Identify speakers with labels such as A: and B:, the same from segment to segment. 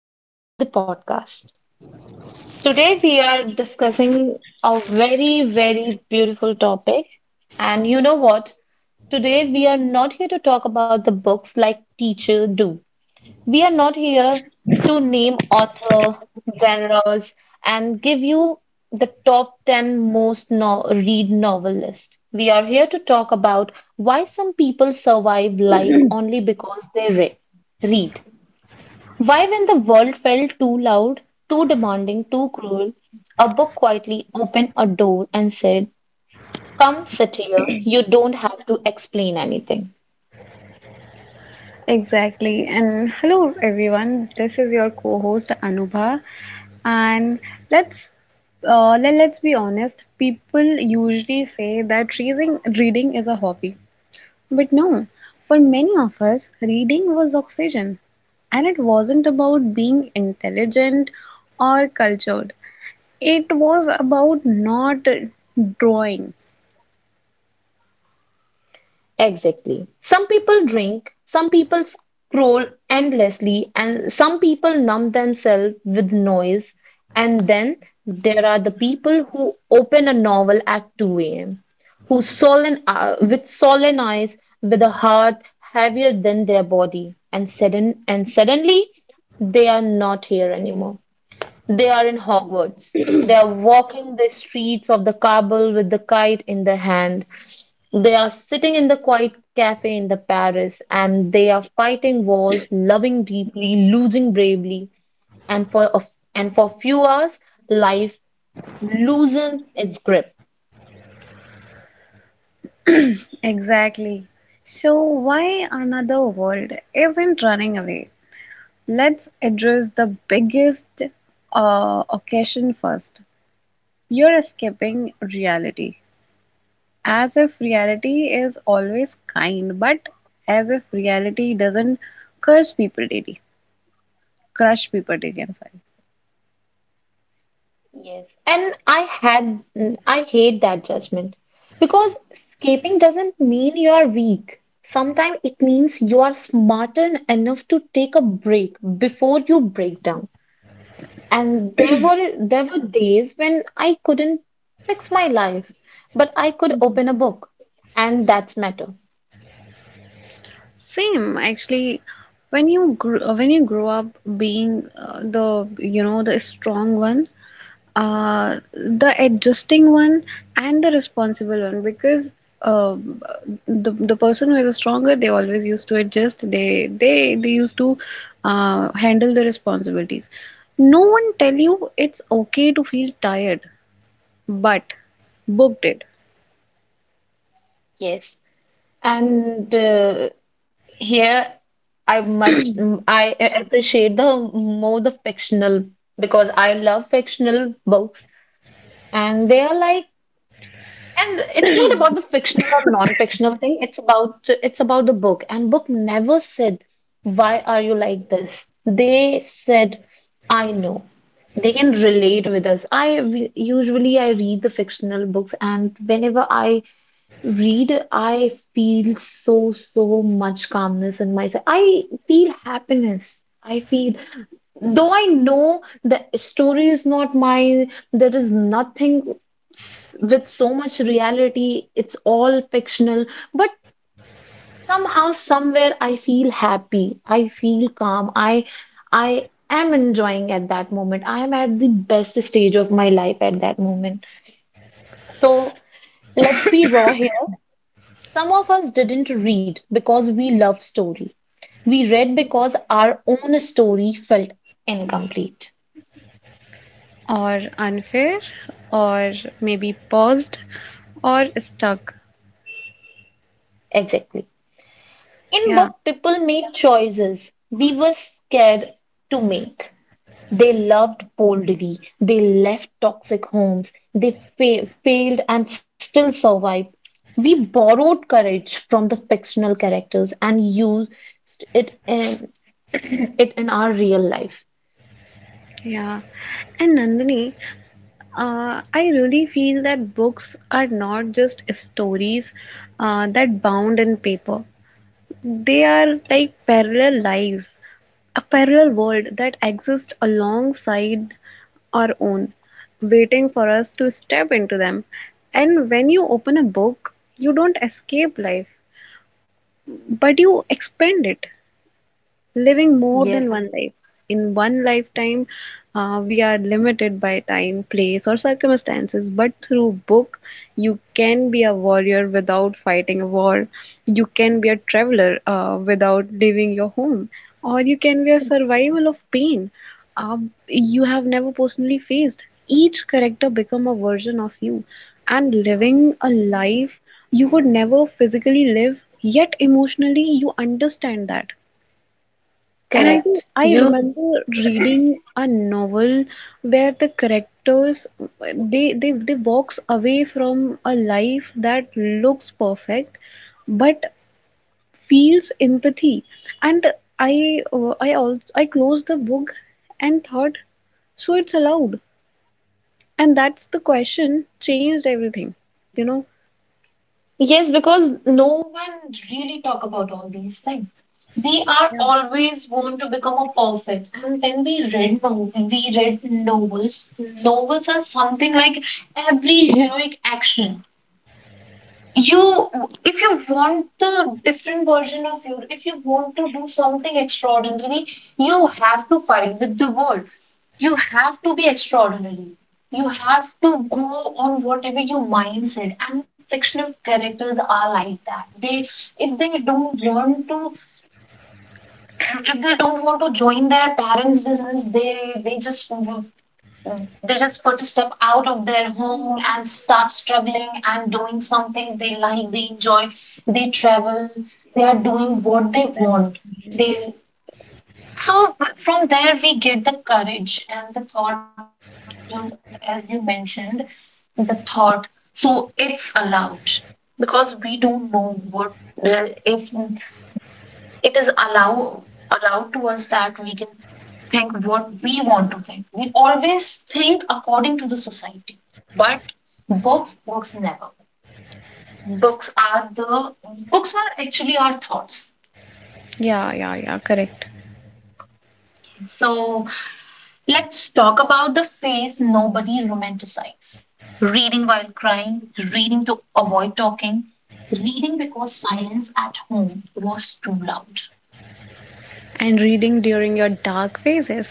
A: back to the podcast. Today, we are discussing a very, very beautiful topic. And you know what? Today, we are not here to talk about the books like teacher do. We are not here to name author, genres, and give you the top 10 most no- read novel list. We are here to talk about why some people survive life only because read. Why, when the world felt too loud, too demanding, too cruel, a book quietly opened a door and said, "Come sit here, you don't have to explain anything."
B: Exactly. And hello, everyone. This is your co-host Anubha, and let's let's be honest. People usually say that reading is a hobby, but no. For many of us, reading was oxygen, and it wasn't about being intelligent or cultured. It was about not drawing.
A: Exactly. Some people drink, some people scroll endlessly, and some people numb themselves with noise. And then there are the people who open a novel at 2 a.m., who solemn, with solemn eyes, with a heart heavier than their body, and suddenly they are not here anymore. They are in Hogwarts. They are walking the streets of the Kabul with the kite in the hand. They are sitting in the quiet cafe in the Paris and they are fighting wars, loving deeply, losing bravely, and and for few hours life loosen its grip.
B: Exactly. So why another world isn't running away? Let's address the biggest occasion first. You're escaping reality. As if reality is always kind, but as if reality doesn't curse people daily, crush people daily. I'm sorry.
A: Yes, and I had mm, I hate that judgment because escaping doesn't mean you are weak. Sometimes it means you are smarter enough to take a break before you break down. And there were days when I couldn't fix my life, but I could open a book, and that's matter.
B: Same, actually, when you grow up being the you know the strong one, the adjusting one, and the responsible one, because uh, the person who is the stronger, they always used to adjust. They used to handle the responsibilities. No one tell you it's okay to feel tired, but book did.
A: Yes, and Here, I much mm, I a- appreciate the more the fictional because I love fictional books and they are like, and it's not about the fictional or non-fictional thing. It's about the book, and book never said, "Why are you like this?" They said, "I know." They can relate with us. Usually I read the fictional books, and whenever I read, I feel so, so much calmness in myself. I feel happiness. I feel, though I know the story is not mine, there is nothing with so much reality, it's all fictional, but somehow, somewhere, I feel happy. I feel calm. I am enjoying at that moment. I am at the best stage of my life at that moment. So let's be raw here. Some of us didn't read because we love story. We read because our own story felt incomplete.
B: Or unfair or maybe paused or stuck.
A: Exactly. In
B: Yeah,
A: book, people made choices we were scared to make. They loved boldly. They left toxic homes. Failed and still survived. We borrowed courage from the fictional characters and used it, it in our real life.
B: yeah, and Nandini, I really feel that books are not just stories that bound in paper. They are like parallel lives, a parallel world that exists alongside our own, waiting for us to step into them. And when you open a book, you don't escape life, but you expand it. Living more than
A: Yes, i.
B: one life. In one lifetime, we are limited by time, place, or circumstances, but through book, you can be a warrior without fighting a war. You can be a traveler without leaving your home, or you can be a survival of pain uh, you have never personally faced. Each character become a version of you, and living a life you would never physically live, yet emotionally you understand that. And I think
A: Correct.
B: I
A: You.
B: remember reading a novel where the characters they walks away from a life that looks perfect but feels empathy. And I also I closed the book and thought, so it's allowed. And that's the question changed everything, you know.
A: Yes, because no one really talk about all these things. We are always want to become a perfect. And when we read no, we read novels. Novels are something like every heroic action you, if you want the different version of you, if you want to do something extraordinary, you have to fight with the world, you have to be extraordinary, you have to go on whatever your mind said. And fictional characters are like that. They, if they don't want to if they don't want to join their parents business, they just. Mm. They just put a step out of their home and start struggling and doing something they like, they enjoy, they travel, they are doing what they
B: Exactly.
A: want. They, so from there we get the courage and the thought, you know, as you mentioned, the thought. So it's allowed, because we don't know what, if it is allowed to us that we can think what we want to think. We always think according to the society, but books never. Books are the Books are actually our thoughts.
B: Yeah, yeah, yeah, correct.
A: So let's talk about the phase nobody romanticizes. Reading while crying, reading to avoid talking, reading because silence at home was too loud.
B: And reading during your dark phases.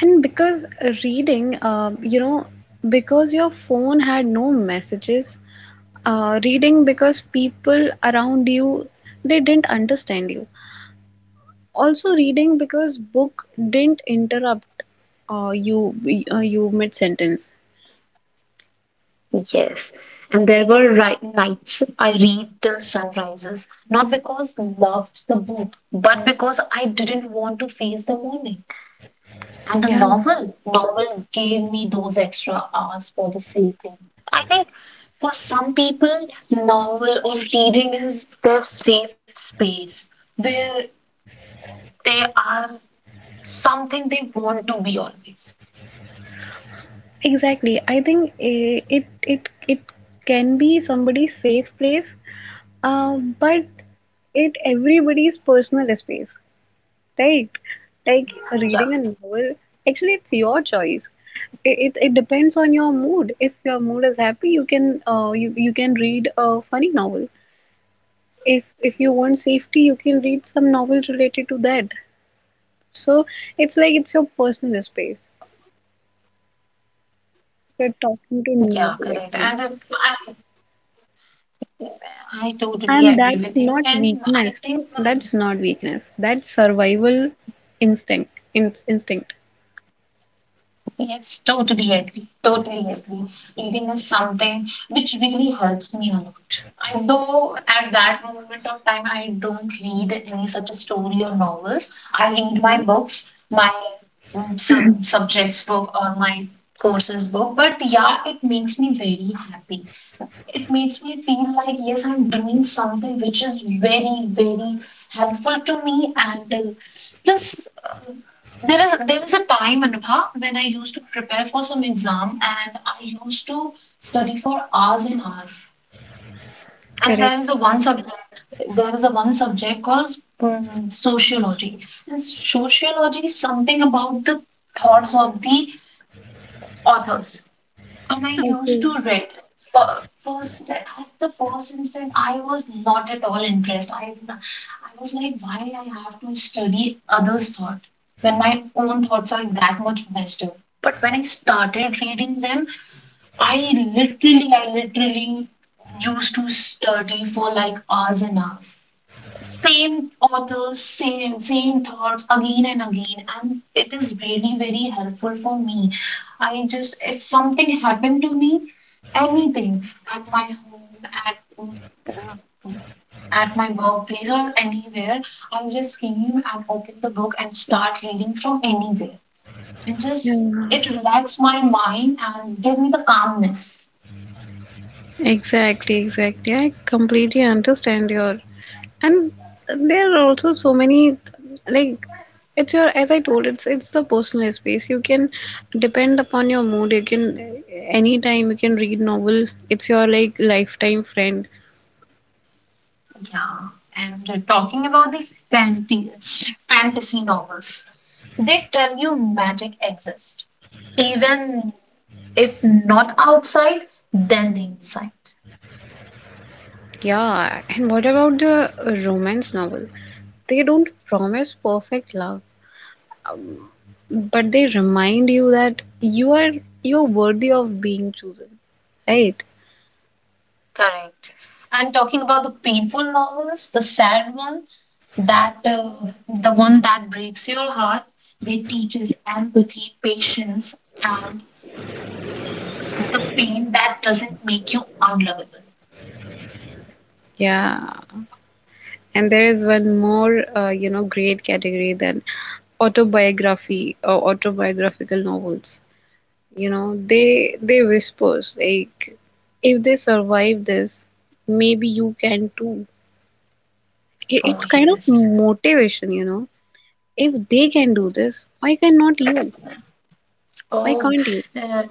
B: And because reading, because your phone had no messages, reading because people around you they didn't understand you. Also reading because book didn't interrupt uh, you you mid sentence.
A: Yes. And there were nights I read till sunrises, not because loved the book, but because I didn't want to face the morning. And a
B: Yeah,
A: novel, novel gave me those extra hours for the sleeping. I think for some people, novel or reading is their safe space, where they are something they want to be always.
B: exactly. I think it can be somebody's safe place, but it everybody's personal space. Right. Like
A: Yeah,
B: reading a novel, actually, it's your choice. It depends on your mood. If your mood is happy, you can read a funny novel. If you want safety, you can read some novel related to that. So it's like it's your personal space. You're
A: yeah,
B: talking
A: correct.
B: to
A: And
B: novel
A: I,
B: actually.
A: I totally agree with you.
B: And that's
A: And
B: not
A: I think
B: weakness. That's not weakness. That's survival instinct. In instinct.
A: yes, totally agree. Totally agree. Reading is something which really helps me a lot. I though at that moment of time I don't read any such a story or novels. I read my books, my subjects book or my courses book. But yeah, it makes me very happy. It makes me feel like yes, I'm doing something which is very, very helpful to me and plus, there is a time, Anubha, when I used to prepare for some exam and I used to study for hours and hours. And
B: Correct.
A: there is a one subject called sociology. And sociology is something about the thoughts of the authors. And I used
B: Okay.
A: to read. First, at the first instant, I was not at all interested. I was like, why I have to study others' thought when my own thoughts are that much messed up. But when I started reading them, I I literally used to study for like hours and hours. Same authors, same thoughts again and again, and it is really very helpful for me. I just, if something happened to me, anything at my home, uh, at my workplace or anywhere, I just came and open the book and start reading from anywhere. And
B: Yeah.
A: just it relax my mind and give me the calmness.
B: Exactly, exactly. I completely understand your, and there are also so many, like, it's your, as I told, it's the personal space. You can depend upon your mood. You can anytime you can read novel. It's your like lifetime friend.
A: Yeah. And talking about the fantasy novels, they tell you magic exists, even if not outside, then the inside.
B: Yeah, and what about the romance novel? They don't promise perfect love, but they remind you that you're worthy of being chosen, right?
A: Correct. And talking about the painful novels, the sad one, that the one that breaks your heart, they teaches empathy, patience, and the pain that doesn't make you unlovable.
B: Yeah. And there is one more, you know, great category than autobiography or autobiographical novels. You know, they whispers like, if they survive this, maybe you can too. It,
A: Oh,
B: it's kind of
A: yes.
B: motivation, you know. If they can do this, why cannot you? Why
A: Oh,
B: can't you?
A: uh,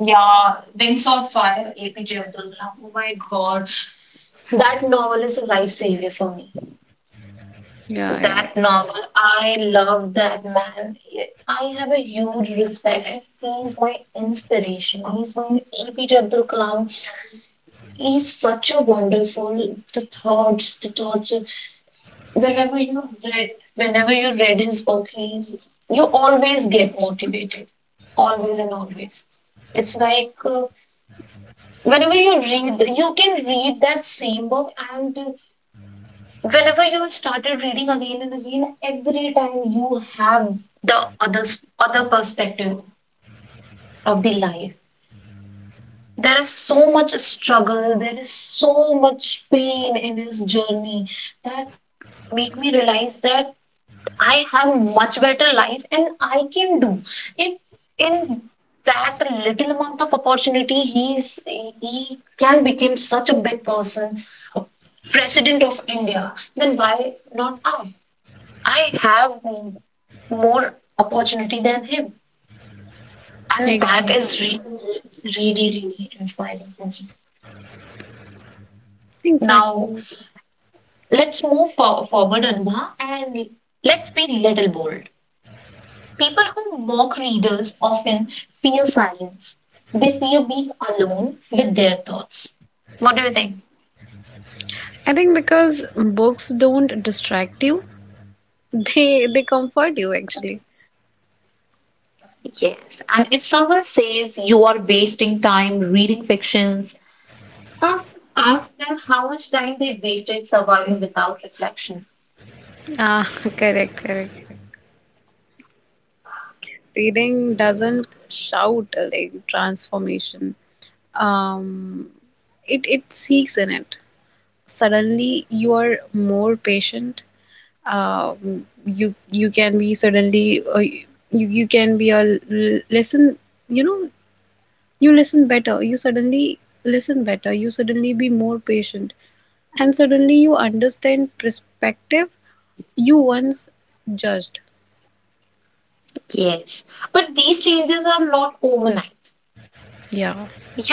A: yeah, Wings of Fire, APJ Abdul Kalam. Oh my God, that novel is a lifesaver for me.
B: Yeah, yeah,
A: That novel, I love that man. I have a huge respect. He's my inspiration. He's my AP Abdul Kalam. He's such a wonderful the thoughts, the thoughts of. Whenever you read his book, he's, you always get motivated, always and always. It's like whenever you read, you can read that same book, and whenever you started reading again and again, every time you have the other perspective of the life. There is so much struggle, there is so much pain in his journey that make me realize that I have much better life and I can do. If in that little amount of opportunity he's he can become such a big person, president of India, then why not I? I have m- more opportunity than him. And that
B: exactly.
A: is really, really, really inspiring for me. Now,
B: Exactly.
A: let's forward, Anba, and let's be little bold. People who mock readers often fear silence. They fear being alone with their thoughts. What do you think?
B: I think because books don't distract you, they comfort you actually.
A: Yes, and if someone says you are wasting time reading fictions, ask them how much time they wasted surviving without reflection.
B: Ah, correct, correct. Reading doesn't shout like transformation. Um, it it seeks in it. Suddenly you are more patient. You you can be suddenly you can be a l- listen. You know you listen better. You suddenly listen better. You suddenly be more patient, and suddenly you understand perspective you once judged.
A: Yes, but these changes are not overnight.
B: Yeah.
A: You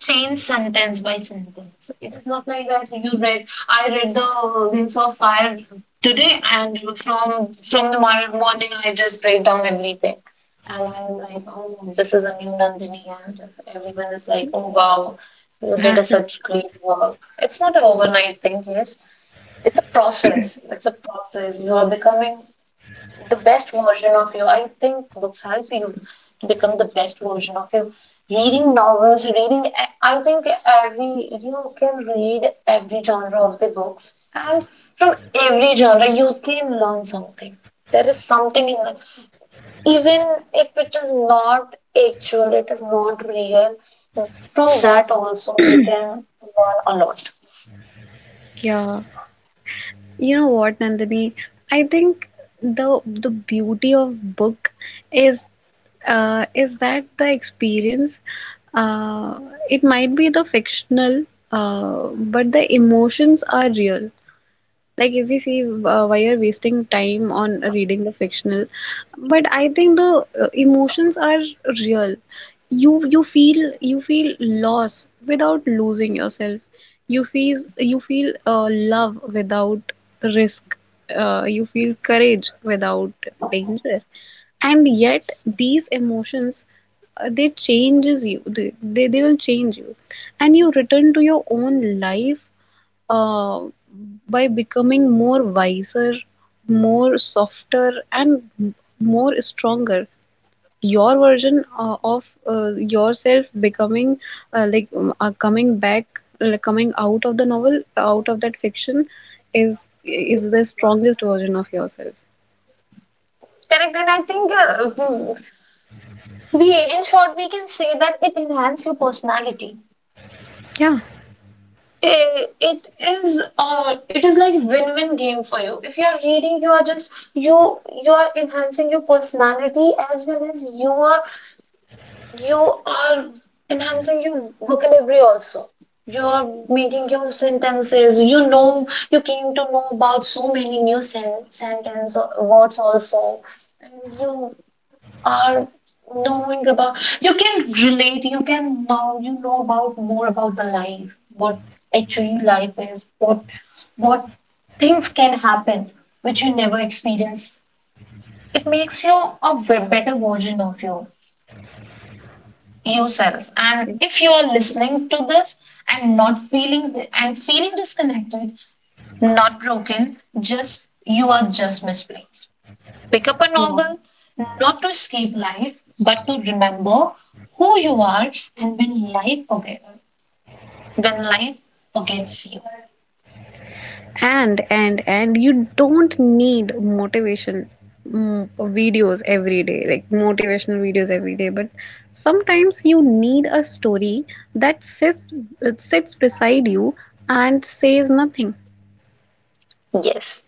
A: change sentence by sentence. It is not like that you read, I read the Wings of Fire today, and from the morning I just break down everything, and I'm like, oh, this is a new Nandini, and everyone is like, oh wow, you did a
B: Ah,
A: such great work. It's not an overnight thing. Yes, it's a process. It's a process. You are becoming the best version of you. I think books help you to become the best version of you. Reading novels, reading, I think every you can read every genre of the books, and from every genre you can learn something. There is something in it, even if it is not actual, it is not real. From that also you can learn a lot.
B: yeah. You know what, Nandini? I think the beauty of book is is that the experience uh, it might be the fictional but the emotions are real, like if we see why you're wasting time on reading the fictional, but I think the emotions are real. You feel you feel loss without losing yourself. You feel love without risk. You feel courage without danger. And yet these emotions they changes you. They will change you, and you return to your own life uh, by becoming more wiser, more softer, and more stronger. Your version of yourself becoming like coming back, like coming out of the novel, out of that fiction, is the strongest version of yourself.
A: Correct, and I think we in short we can say that it enhances your personality.
B: Yeah.
A: It is like win-win game for you. If you are reading, you are just you are enhancing your personality as well as you are enhancing your vocabulary also. You are making your sentences. You know you came to know about so many new sentence words also, and you are knowing about you can relate you can now you know about more about the life, what actually life is, what things can happen which you never experience. It makes you better version of you yourself. And if you are listening to this and not feeling th- and feeling disconnected, not broken, just you are just misplaced. Pick up a novel, not to escape life, but to remember who you are. And when life forget, when life forgets you.
B: And you don't need motivation videos every day, like motivational videos every day, but sometimes you need a story that sits, it sits beside you and says nothing.
A: Yes.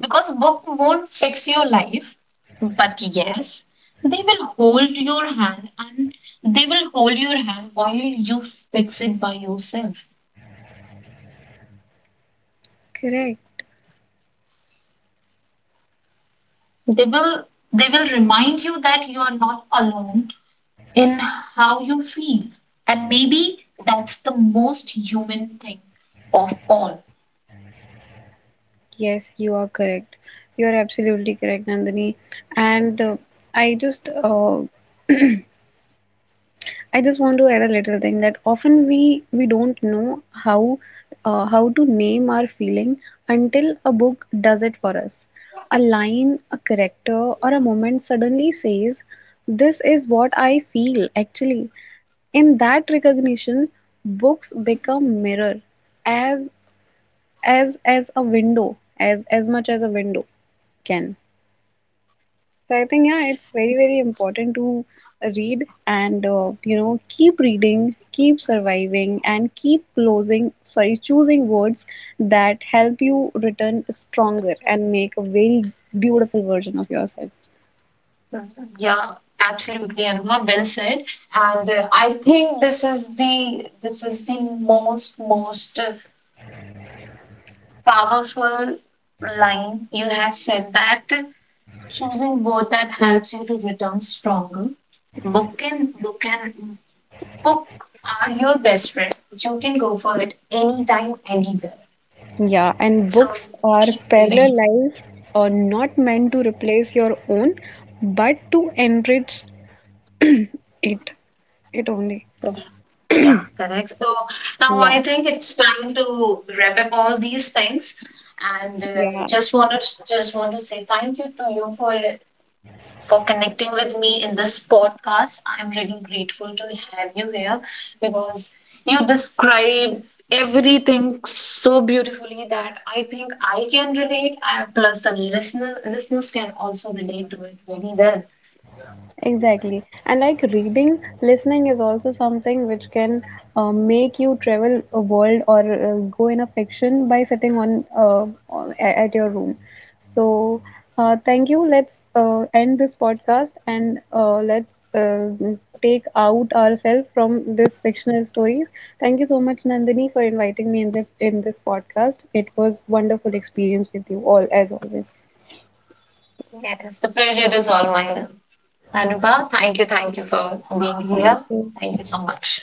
A: Because book won't fix your life, but yes, they will hold your hand and they will hold your hand while you fix it by yourself.
B: Correct.
A: They will they will remind you that you are not alone in how you feel. And maybe that's the most human thing of all.
B: Yes, you are correct. You are absolutely correct, Nandini. And I just I just want to add a little thing that often we don't know how to name our feeling until a book does it for us. A line, a character, or a moment suddenly says, "This is what I feel." Actually, in that recognition, books become mirror, as as a window, as much as a window can. So I think yeah, it's very important to read and you know, keep reading, keep surviving, and keep closing sorry choosing words that help you return stronger and make a very beautiful version of yourself.
A: Yeah, absolutely, Anha. Well said. And I think this is the most powerful line you have said, that choosing both that helps you to return stronger. Book and book and book are your best friend. You can go for it anytime, anywhere.
B: Yeah, and
A: So
B: books are
A: keep
B: parallel
A: reading.
B: lives, are not meant to replace your own, but to enrich it. It only.
A: Yeah, correct. So now
B: Yeah,
A: I think it's time to wrap up all these things, and
B: yeah.
A: just want to say thank you to you for connecting with me in this podcast. I'm really grateful to have you here, because you describe everything so beautifully that I think I can relate, and plus the listeners can also relate to it very well.
B: Exactly. And like reading, listening is also something which can make you travel a world or go in a fiction by sitting at your room. So, thank you. Let's end this podcast and let's take out ourselves from this fictional stories. Thank you so much, Nandini, for inviting me in the in this podcast. It was wonderful experience with you all as always.
A: Yes, the pleasure is all mine. Anuba, thank you for being
B: Thank
A: here.
B: you.
A: Thank you so much.